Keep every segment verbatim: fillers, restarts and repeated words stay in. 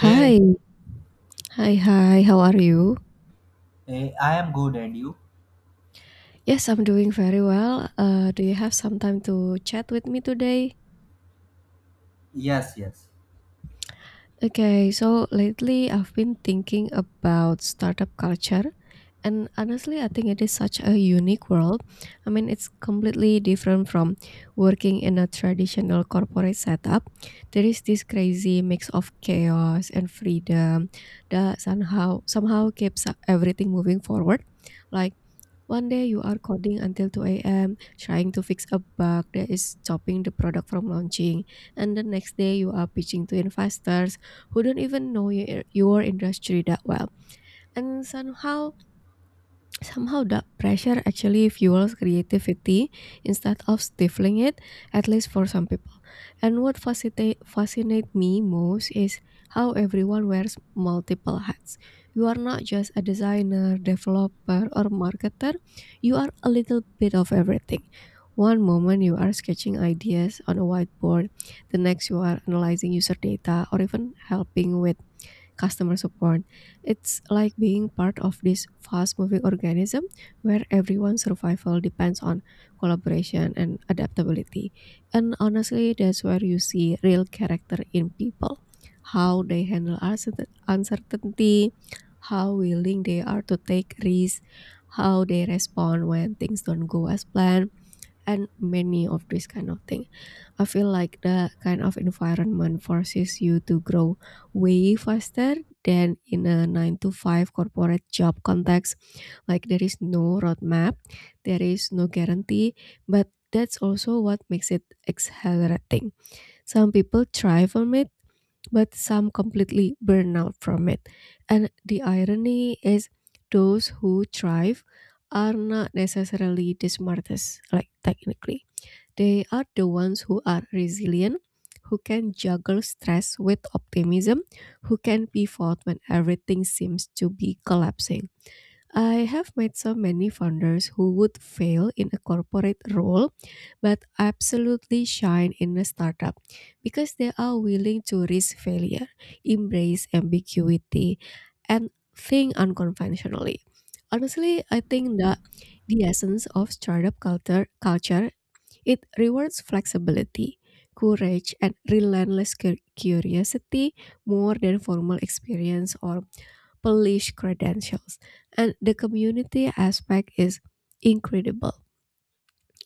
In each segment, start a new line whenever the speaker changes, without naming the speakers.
Hey,
Hi, hi, hi, how are you?
hey, I am good, and you?
Yes, I'm doing very well. Uh, do you have some time to chat with me today?
Yes, yes.
Okay, so lately I've been thinking about startup culture, and honestly, I think it is such a unique world. I mean, it's completely different from working in a traditional corporate setup. There is this crazy mix of chaos and freedom that somehow somehow keeps everything moving forward. Like, one day you are coding until two a m trying to fix a bug that is stopping the product from launching. And the next day you are pitching to investors who don't even know your, your industry that well. And somehow Somehow that pressure actually fuels creativity instead of stifling it, at least for some people. And what fascinate fascinate me most is how everyone wears multiple hats. You are not just a designer, developer, or marketer. You are a little bit of everything. One moment you are sketching ideas on a whiteboard, the next you are analyzing user data or even helping with customer support. It's like being part of this fast moving organism where everyone's survival depends on collaboration and adaptability. And honestly, that's where you see real character in people, how they handle uncertain- uncertainty, how willing they are to take risks, how they respond when things don't go as planned, and many of these kind of things. I feel like the kind of environment forces you to grow way faster than in a nine to five corporate job context. Like, there is no roadmap, there is no guarantee, but that's also what makes it exhilarating. Some people thrive from it, but some completely burn out from it. And the irony is, those who thrive are not necessarily the smartest, like technically. They are the ones who are resilient, who can juggle stress with optimism, who can pivot when everything seems to be collapsing. I have met so many founders who would fail in a corporate role but absolutely shine in a startup because they are willing to risk failure, embrace ambiguity, and think unconventionally. Honestly, I think that the essence of startup culture culture it rewards flexibility, courage, and relentless cu- curiosity more than formal experience or polished credentials. And the community aspect is incredible.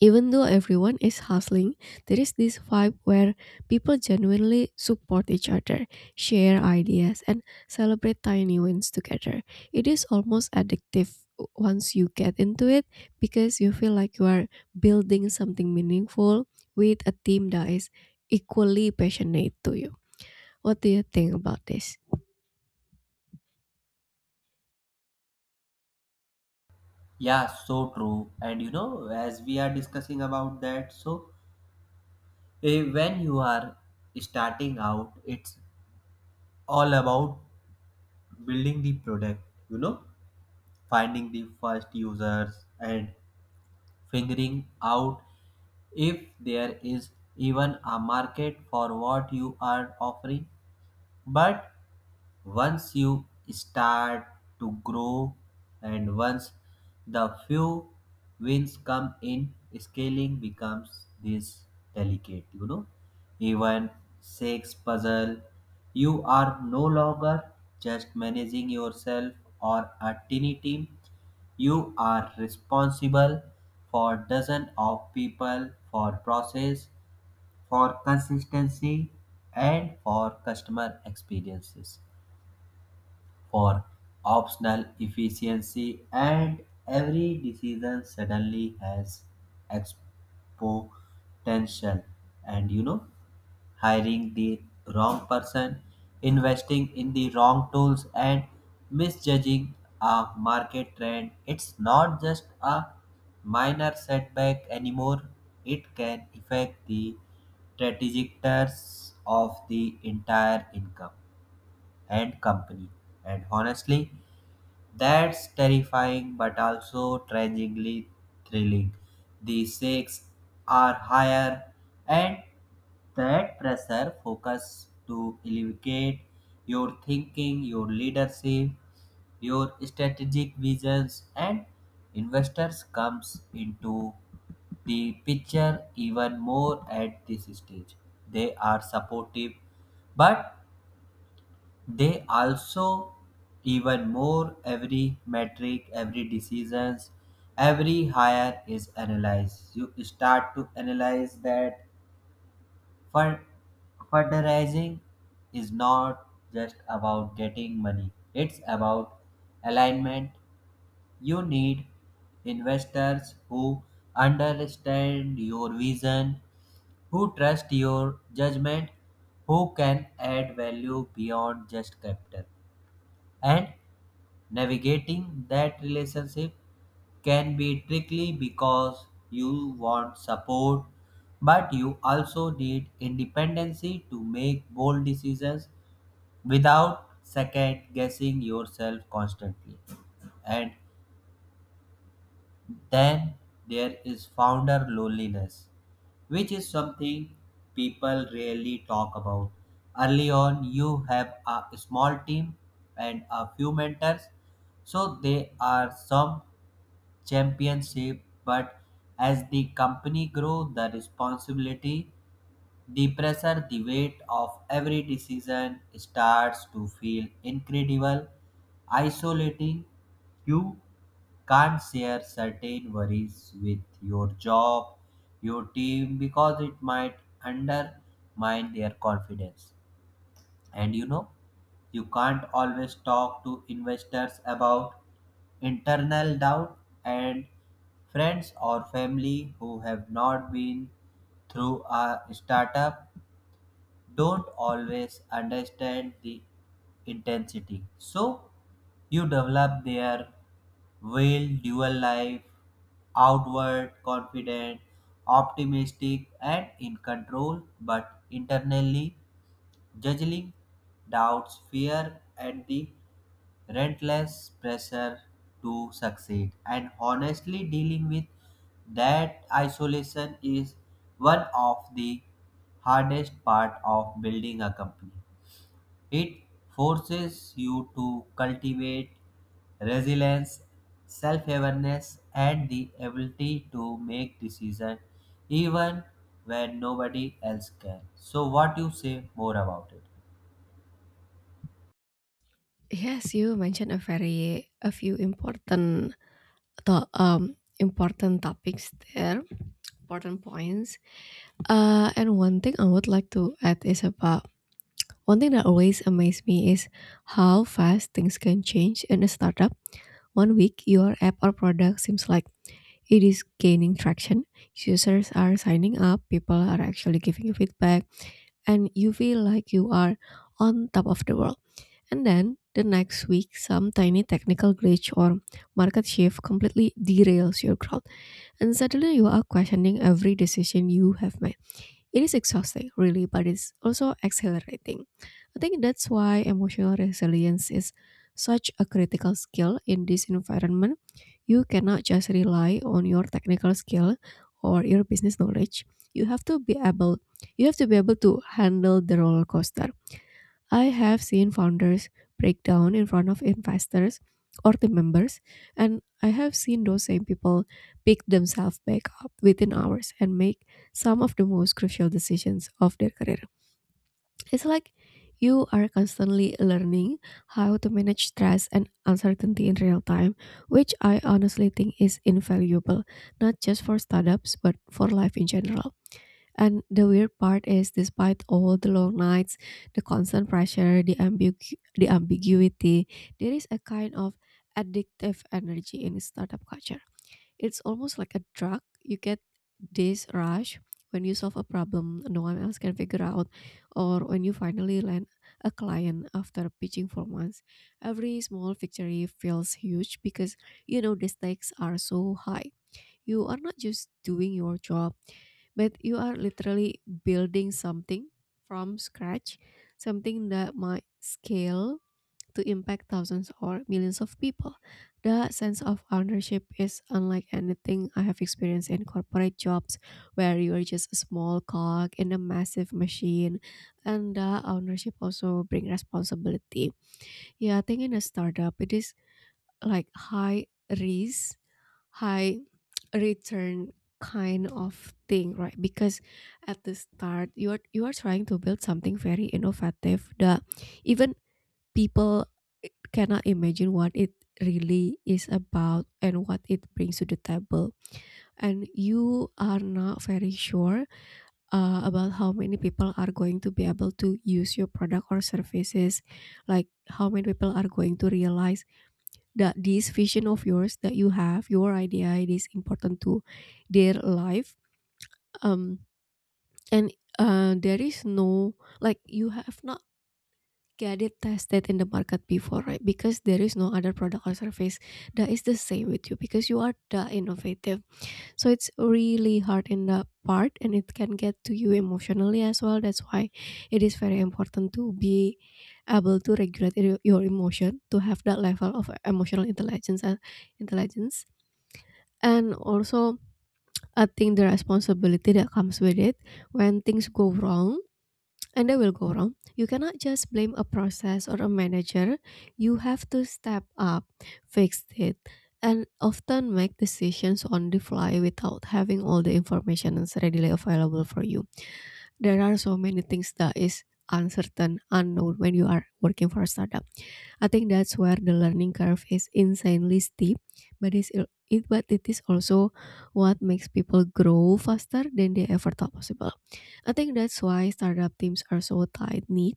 Even though everyone is hustling, there is this vibe where people genuinely support each other, share ideas, and celebrate tiny wins together. It is almost addictive once you get into it because you feel like you are building something meaningful with a team that is equally passionate to you. What do you think about this?
Yeah, so true. And you know, as we are discussing about that, so eh, when you are starting out, it's all about building the product, you know, finding the first users and figuring out if there is even a market for what you are offering. But once you start to grow and once the few wins come in, scaling becomes this delicate, you know, even six puzzle. You are no longer just managing yourself or a tiny team. You are responsible for dozens of people, for process, for consistency, and for customer experiences, for optional efficiency, and every decision suddenly has exponential. And you know, hiring the wrong person, investing in the wrong tools, and misjudging a market trend. It's not just a minor setback anymore, it can affect the trajectories of the entire income and company. And honestly, that's terrifying but also tragically thrilling. The stakes are higher, and that pressure focus to elevate your thinking, your leadership, your strategic visions, and investors comes into the picture even more at this stage. They are supportive, but they also even more every metric, every decisions, every hire is analyzed. You start to analyze that fund fundraising is not just about getting money. It's about alignment. You need investors who understand your vision, who trust your judgment, who can add value beyond just capital. And navigating that relationship can be tricky because you want support, but you also need independency to make bold decisions without second guessing yourself constantly. And then there is founder loneliness, which is something people rarely talk about. Early on, you have a small team and a few mentors, so they are some championship, but as the company grew, the responsibility, the pressure, the weight of every decision starts to feel incredible, isolating. You can't share certain worries with your job, your team, because it might undermine their confidence. And you know, you can't always talk to investors about internal doubt, and friends or family who have not been through a startup don't always understand the intensity. So you develop their will, dual life, outward, confident, optimistic, and in control, but internally juggling doubts, fear, and the relentless pressure to succeed. And honestly, dealing with that isolation is one of the hardest part of building a company. It forces you to cultivate resilience, self-awareness, and the ability to make decisions even when nobody else can. So, what you say more about it?
Yes, you mentioned a very a few important to, um important topics there, important points. Uh, and one thing I would like to add is about, one thing that always amazed me is how fast things can change in a startup. One week, your app or product seems like it is gaining traction, users are signing up, people are actually giving you feedback, and you feel like you are on top of the world. And then the next week, some tiny technical glitch or market shift completely derails your growth, and suddenly you are questioning every decision you have made. It is exhausting, really, but it's also accelerating. I think that's why emotional resilience is such a critical skill in this environment. You cannot just rely on your technical skill or your business knowledge. You have to be able you have to be able to handle the roller coaster. I have seen founders break down in front of investors or team members, and I have seen those same people pick themselves back up within hours and make some of the most crucial decisions of their career. It's like you are constantly learning how to manage stress and uncertainty in real time, which I honestly think is invaluable, not just for startups, but for life in general. And the weird part is, despite all the long nights, the constant pressure, the, ambigu- the ambiguity, there is a kind of addictive energy in startup culture. It's almost like a drug. You get this rush when you solve a problem no one else can figure out, or when you finally land a client after pitching for months. Every small victory feels huge because you know the stakes are so high. You are not just doing your job, but you are literally building something from scratch, something that might scale to impact thousands or millions of people. The sense of ownership is unlike anything I have experienced in corporate jobs, where you are just a small cog in a massive machine. And the ownership also bring responsibility. Yeah, I think in a startup, it is like high risk, high return kind of thing, right? Because at the start, you are you are trying to build something very innovative that even people eh, cannot imagine what it really is about and what it brings to the table. And you are not very sure uh, about how many people are going to be able to use your product or services, like how many people are going to realize that this vision of yours that you have, your idea, it is important to their life. um and uh, there is no, like, you have not get it tested in the market before, right? Because there is no other product or service that is the same with you because you are the innovative. So it's really hard in that part, and it can get to you emotionally as well. That's why it is very important to be able to regulate your your emotion, to have that level of emotional intelligence and intelligence And also, I think the responsibility that comes with it, when things go wrong, and they will go wrong, you cannot just blame a process or a manager. You have to step up, fix it, and often make decisions on the fly without having all the information is readily available for you. There are so many things that is uncertain, unknown when you are working for a startup. I think that's where the learning curve is insanely steep, but it's it but it is also what makes people grow faster than they ever thought possible. I think that's why startup teams are so tight knit.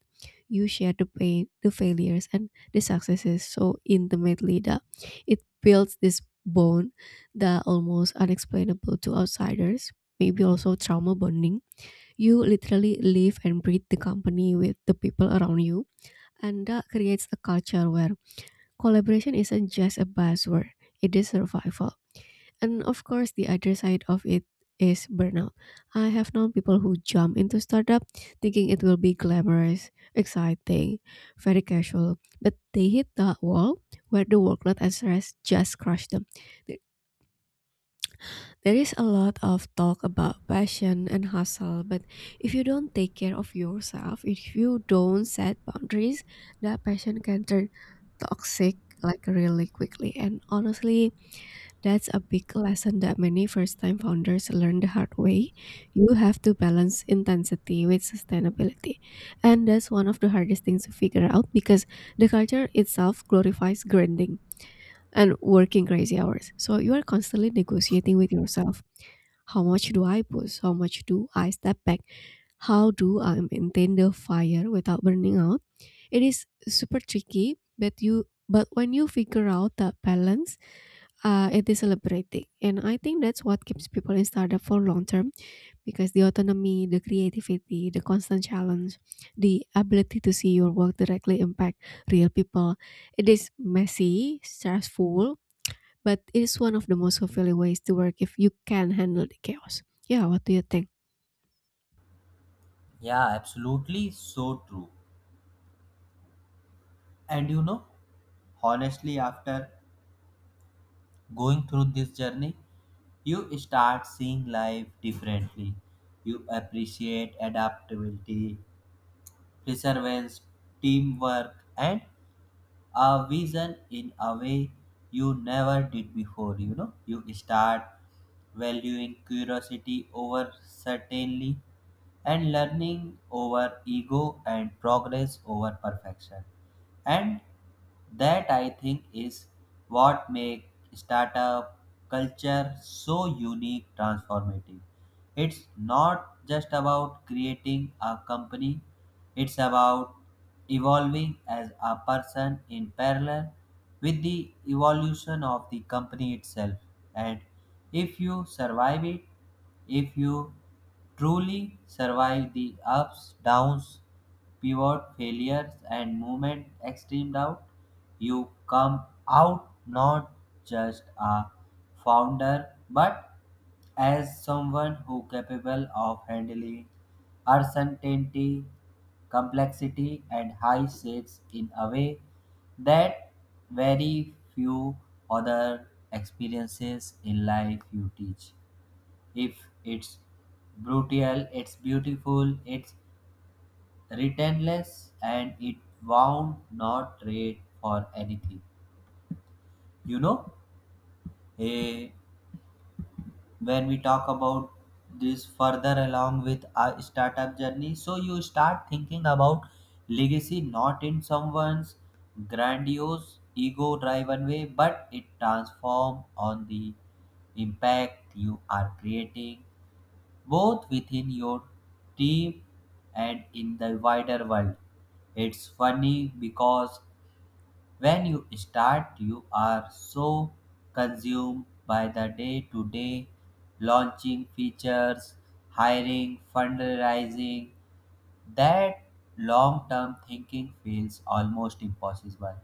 You share the pain, the failures, and the successes so intimately that it builds this bond that almost unexplainable to outsiders. Maybe also trauma bonding. You literally live and breathe the company with the people around you, and that creates a culture where collaboration isn't just a buzzword, it is survival. And of course, the other side of it is burnout. I have known people who jump into startup thinking it will be glamorous, exciting, very casual, but they hit that wall where the workload and stress just crush them. Th- There is a lot of talk about passion and hustle, but if you don't take care of yourself, if you don't set boundaries, that passion can turn toxic, like, really quickly. And honestly, that's a big lesson that many first-time founders learn the hard way. You have to balance intensity with sustainability. And that's one of the hardest things to figure out because the culture itself glorifies grinding and working crazy hours. So you are constantly negotiating with yourself. How much do I push? How much do I step back? How do I maintain the fire without burning out? It is super tricky, but you but when you figure out that balance, uh, it is celebrating. And I think that's what keeps people in startup for long term because the autonomy, the creativity, the constant challenge, the ability to see your work directly impact real people. It is messy, stressful, but it is one of the most fulfilling ways to work if you can handle the chaos. Yeah, what do you think?
Yeah, absolutely so true. And you know, honestly, after going through this journey, you start seeing life differently. You appreciate adaptability, perseverance, teamwork, and a vision in a way you never did before. You know, you start valuing curiosity over certainty and learning over ego and progress over perfection. And that I think is what makes startup culture so unique transformative. It's not just about creating a company, it's about evolving as a person in parallel with the evolution of the company itself. And if you survive it, if you truly survive the ups, downs, pivot failures, and movement extreme doubt, you come out not just a founder but as someone who capable of handling uncertainty, complexity, and high stakes in a way that very few other experiences in life you teach. If it's brutal, it's beautiful, it's returnless, and it won't not trade for anything. You know, eh, when we talk about this further along with our startup journey, so you start thinking about legacy not in someone's grandiose ego driven way, but it transform on the impact you are creating both within your team and in the wider world. It's funny because when you start, you are so consumed by the day to day launching features, hiring, fundraising, that long term thinking feels almost impossible.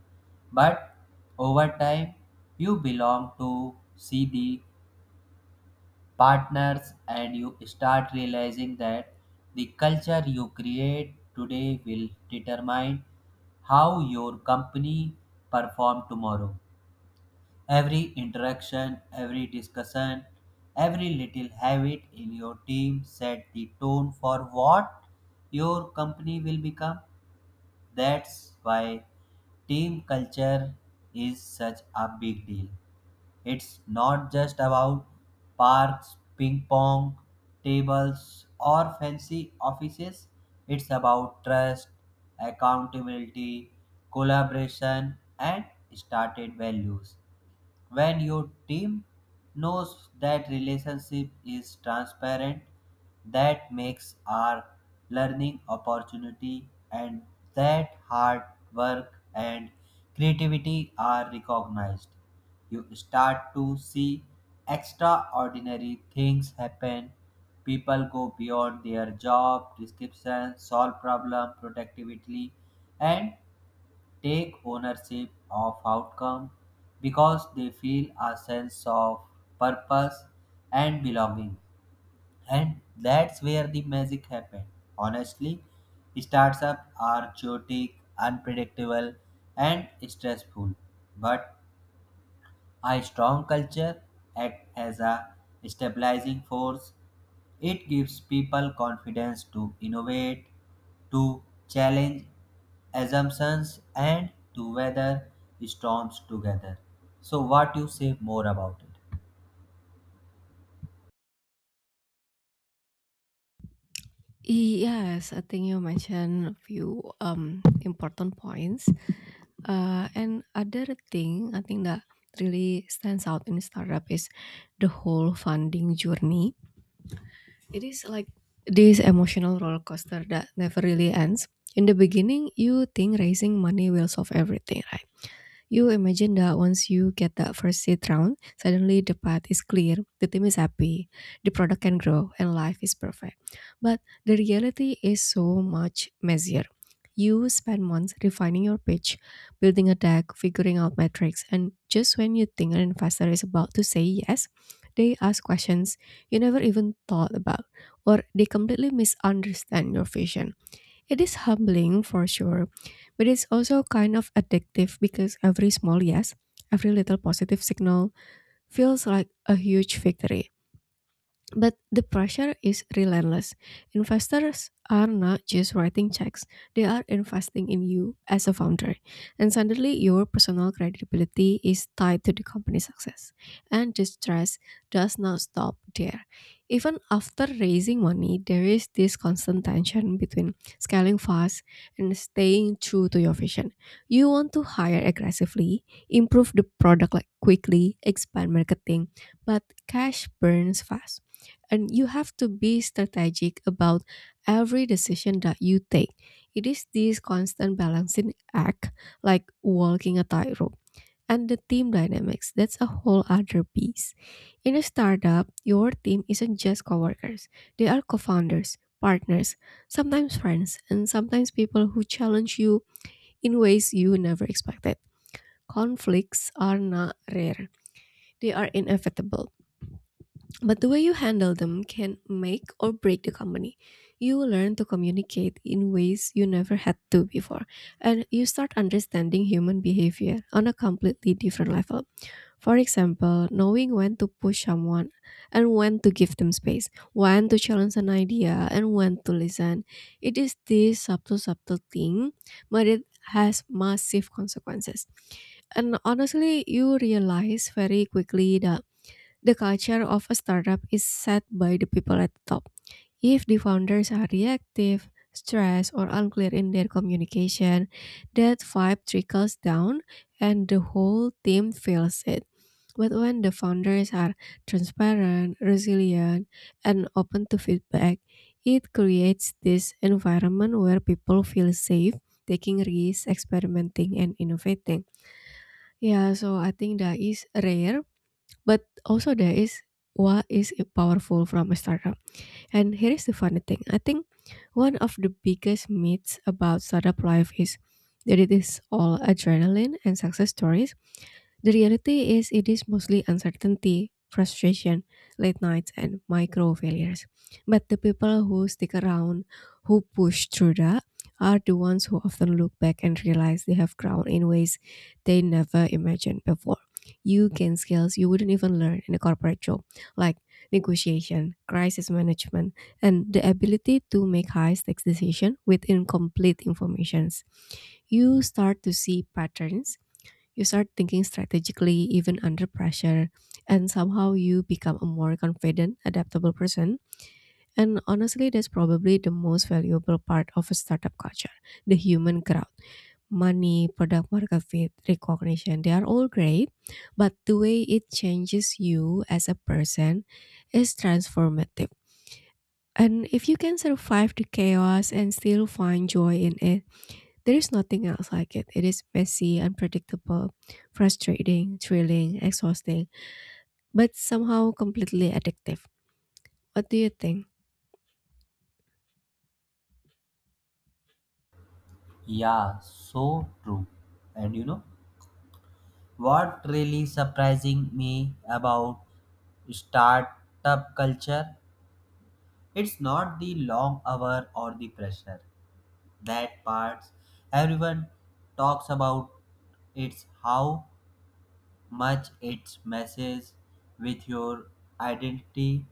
But over time, you belong to see the partners and you start realizing that the culture you create today will determine how your company perform tomorrow. Every interaction, every discussion, every little habit in your team set the tone for what your company will become. That's why team culture is such a big deal. It's not just about parks, ping pong tables, or fancy offices. It's about trust, accountability, collaboration, and started values. When your team knows that relationship is transparent, that makes our learning opportunity, and that hard work and creativity are recognized. You start to see extraordinary things happen. People go beyond their job description, solve problem productively, and take ownership of outcome because they feel a sense of purpose and belonging, and that's where the magic happens. Honestly, startups are chaotic, unpredictable, and stressful, but a strong culture acts as a stabilizing force. It gives people confidence to innovate, to challenge assumptions, and to weather storms together. So, what you say more about it?
Yes, I think you mentioned a few um, important points. Uh, and other thing I think that really stands out in startup is the whole funding journey. It is like this emotional roller coaster that never really ends. In the beginning, you think raising money will solve everything, right? You imagine that once you get that first seed round, suddenly the path is clear, the team is happy, the product can grow, and life is perfect. But the reality is so much messier. You spend months refining your pitch, building a deck, figuring out metrics, and just when you think an investor is about to say yes, they ask questions you never even thought about, or they completely misunderstand your vision. It is humbling for sure, but it's also kind of addictive because every small yes, every little positive signal feels like a huge victory. But the pressure is relentless. Investors are not just writing checks, they are investing in you as a founder. And suddenly, your personal credibility is tied to the company's success. And the stress does not stop there. Even after raising money, there is this constant tension between scaling fast and staying true to your vision. You want to hire aggressively, improve the product like quickly, expand marketing, but cash burns fast and you have to be strategic about every decision that you take. It is this constant balancing act, like walking a tightrope. And the team dynamics, that's a whole other piece. In a startup, your team isn't just coworkers, they are co founders, partners, sometimes friends, and sometimes people who challenge you in ways you never expected. Conflicts are not rare, they are inevitable, but the way you handle them can make or break the company. You will learn to communicate in ways you never had to before, and you start understanding human behavior on a completely different level. For example, knowing when to push someone and when to give them space, when to challenge an idea and when to listen. It is this subtle, subtle thing, but it has massive consequences. And honestly, you realize very quickly that the culture of a startup is set by the people at the top. If the founders are reactive, stressed, or unclear in their communication, that vibe trickles down and the whole team feels it. But when the founders are transparent, resilient, and open to feedback, it creates this environment where people feel safe taking risks, experimenting, and innovating. Yeah, so I think that is rare, but also there is what is powerful from a startup. And here is the funny thing. I think one of the biggest myths about startup life is that it is all adrenaline and success stories. The reality is, it is mostly uncertainty, frustration, late nights, and micro failures. But the people who stick around, who push through that, are the ones who often look back and realize they have grown in ways they never imagined before. You gain skills you wouldn't even learn in a corporate job, like negotiation, crisis management, and the ability to make high stakes decisions with incomplete informations. You start to see patterns, you start thinking strategically even under pressure, and somehow you become a more confident, adaptable person. And honestly, that's probably the most valuable part of a startup culture, the human crowd. Money, product market fit, recognition, they are all great, but the way it changes you as a person is transformative. And if you can survive the chaos and still find joy in it, there is nothing else like it. It is messy, unpredictable, frustrating, thrilling, exhausting, but somehow completely addictive. What do you think?
Yeah, so true. And you know what really surprising me about startup culture? It's not the long hour or the pressure. That parts everyone talks about. It's how much it messes with your identity.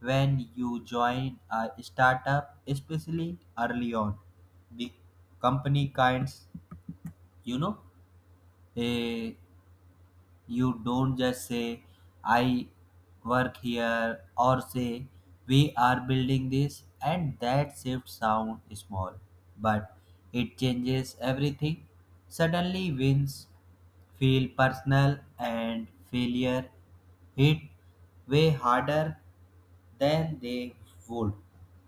When you join a startup, especially early on, the company kinds, you know, eh, you don't just say, I work here, or say, we are building this, and that shift sound small, but it changes everything. Suddenly, wins feel personal and failure hit way harder than they would.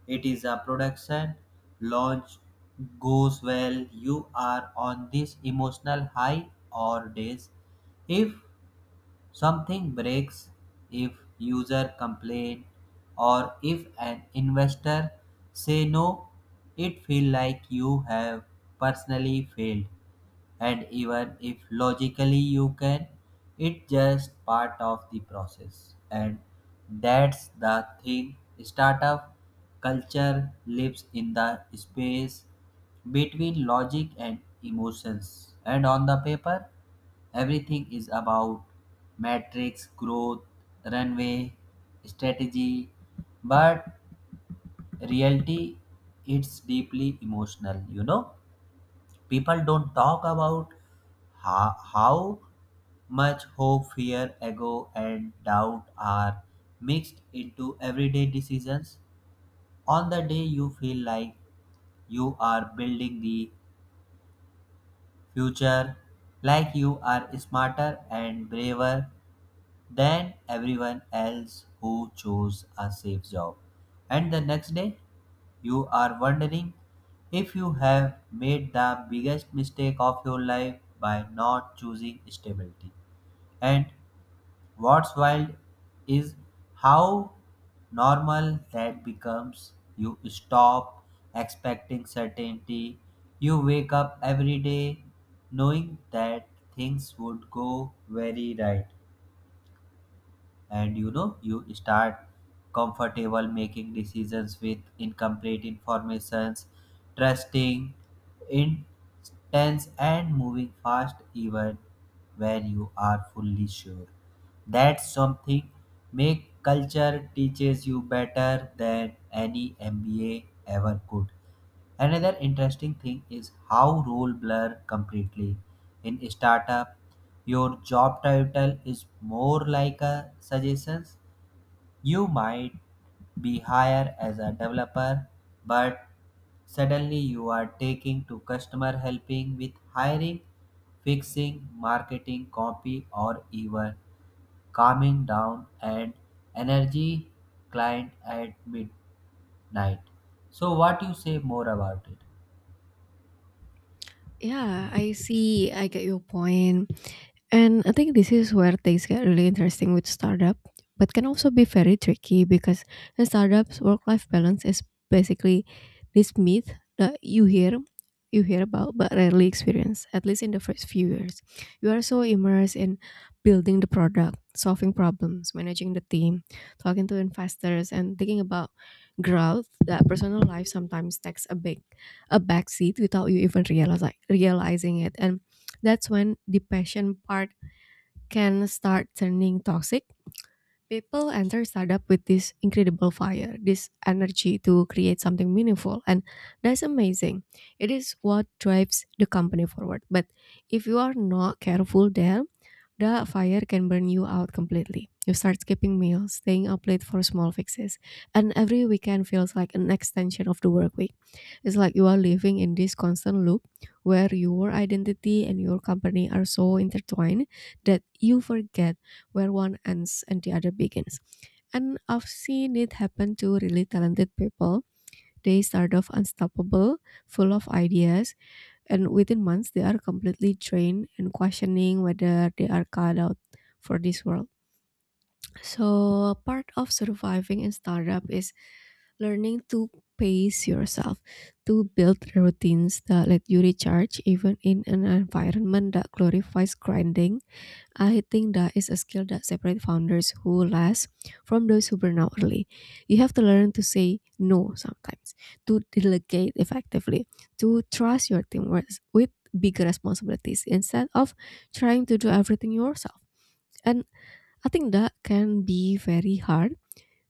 It is a production launch goes well, you are on this emotional high or days. If something breaks, if user complain, or if an investor say no. It feel like you have personally failed, and even if logically you can, it's just part of the process. And that's the thing, startup culture lives in the space between logic and emotions, and on the paper everything is about matrix growth, runway, strategy, but reality it's deeply emotional, you know. People don't talk about ho- how much hope, fear, ego, and doubt are mixed into everyday decisions. On the day you feel like you are building the future, like you are smarter and braver than everyone else who chose a safe job. And the next day, you are wondering if you have made the biggest mistake of your life by not choosing stability. And what's wild is how normal that becomes. You stop expecting certainty. You wake up every day knowing that things would go very right, and you know you start comfortable making decisions with incomplete informations, trusting intense and moving fast even when you are fully sure. That's something make culture teaches you better than any M B A ever could. Another interesting thing is how role blur completely. In startup, your job title is more like a suggestions. You might be hired as a developer, but suddenly you are taking to customer, helping with hiring, fixing, marketing, copy, or even calming down and energy client at midnight. So what you say more about it?
Yeah, I see. I get your point. And I think this is where things get really interesting with startup, but can also be very tricky because in startups work-life balance is basically this myth that you hear you hear about but rarely experience, at least in the first few years. You are so immersed in building the product, solving problems, managing the team, talking to investors and thinking about growth that personal life sometimes takes a big a backseat without you even realize, realizing it. And that's when the passion part can start turning toxic. People enter startup with this incredible fire, this energy to create something meaningful. And that's amazing. It is what drives the company forward. But if you are not careful there, the fire can burn you out completely. You start skipping meals, staying up late for small fixes, and every weekend feels like an extension of the work week. It's like you are living in this constant loop where your identity and your company are so intertwined that you forget where one ends and the other begins. And I've seen it happen to really talented people. They start off unstoppable, full of ideas, and within months they are completely drained and questioning whether they are cut out for this world. So, part of surviving in startup is learning to pace yourself, to build routines that let you recharge even in an environment that glorifies grinding. I think that is a skill that separates founders who last from those who burn out early. You have to learn to say no sometimes, to delegate effectively, to trust your team with with bigger responsibilities instead of trying to do everything yourself. And I think that can be very hard,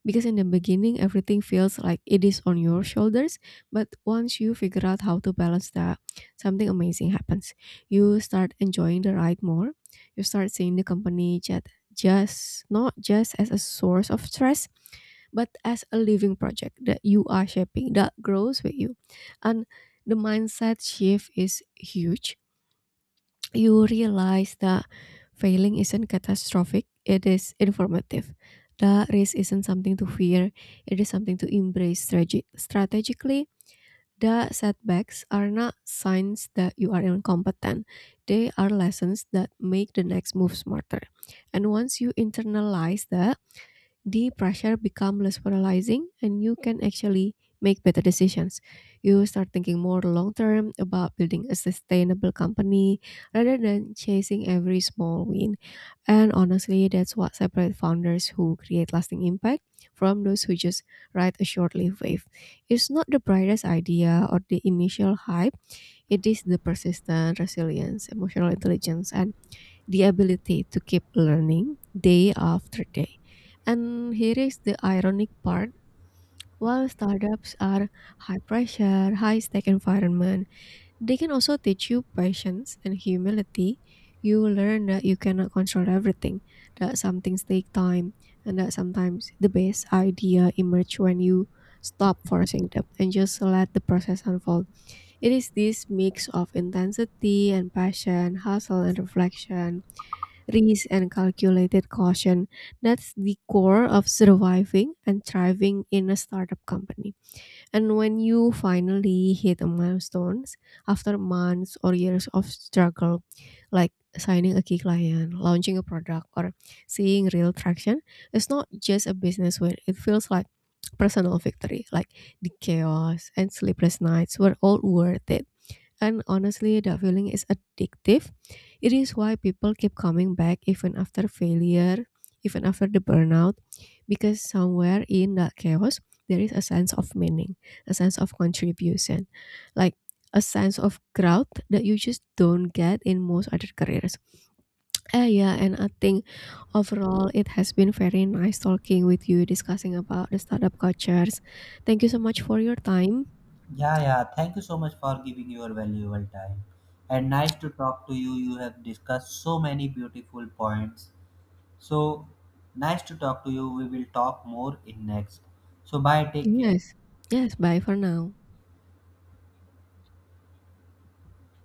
because in the beginning, everything feels like it is on your shoulders, but once you figure out how to balance that, something amazing happens. You start enjoying the ride more. You start seeing the company chat just not just as a source of stress, but as a living project that you are shaping, that grows with you. And the mindset shift is huge. You realize that failing isn't catastrophic, it is informative. The risk isn't something to fear, it is something to embrace strate- strategically the setbacks are not signs that you are incompetent, they are lessons that make the next move smarter. And once you internalize that, the pressure become less paralyzing and you can actually make better decisions. You start thinking more long term about building a sustainable company rather than chasing every small win. And honestly, that's what separates founders who create lasting impact from those who just ride a short-lived wave. It's not the brightest idea or the initial hype, it is the persistent resilience, emotional intelligence, and the ability to keep learning day after day. And here is the ironic part. While startups are high pressure, high stake environment, they can also teach you patience and humility. You learn that you cannot control everything, that some things take time, and that sometimes the best idea emerge when you stop forcing them and just let the process unfold. It is this mix of intensity and passion, hustle and reflection, risk and calculated caution. That's the core of surviving and thriving in a startup company. And when you finally hit a milestone after months or years of struggle, like signing a key client, launching a product, or seeing real traction, it's not just a business win. It feels like personal victory. Like the chaos and sleepless nights were all worth it. And honestly, that feeling is addictive. It is why people keep coming back even after failure, even after the burnout, because somewhere in that chaos, there is a sense of meaning, a sense of contribution, like a sense of growth that you just don't get in most other careers. Uh, yeah, and I think overall it has been very nice talking with you, discussing about the startup cultures. Thank you so much for your time.
Yeah, yeah. Thank you so much for giving your valuable time. And nice to talk to you. You have discussed so many beautiful points. So nice to talk to you. We will talk more in next. So bye. Take care.
Yes. Yes, bye for now.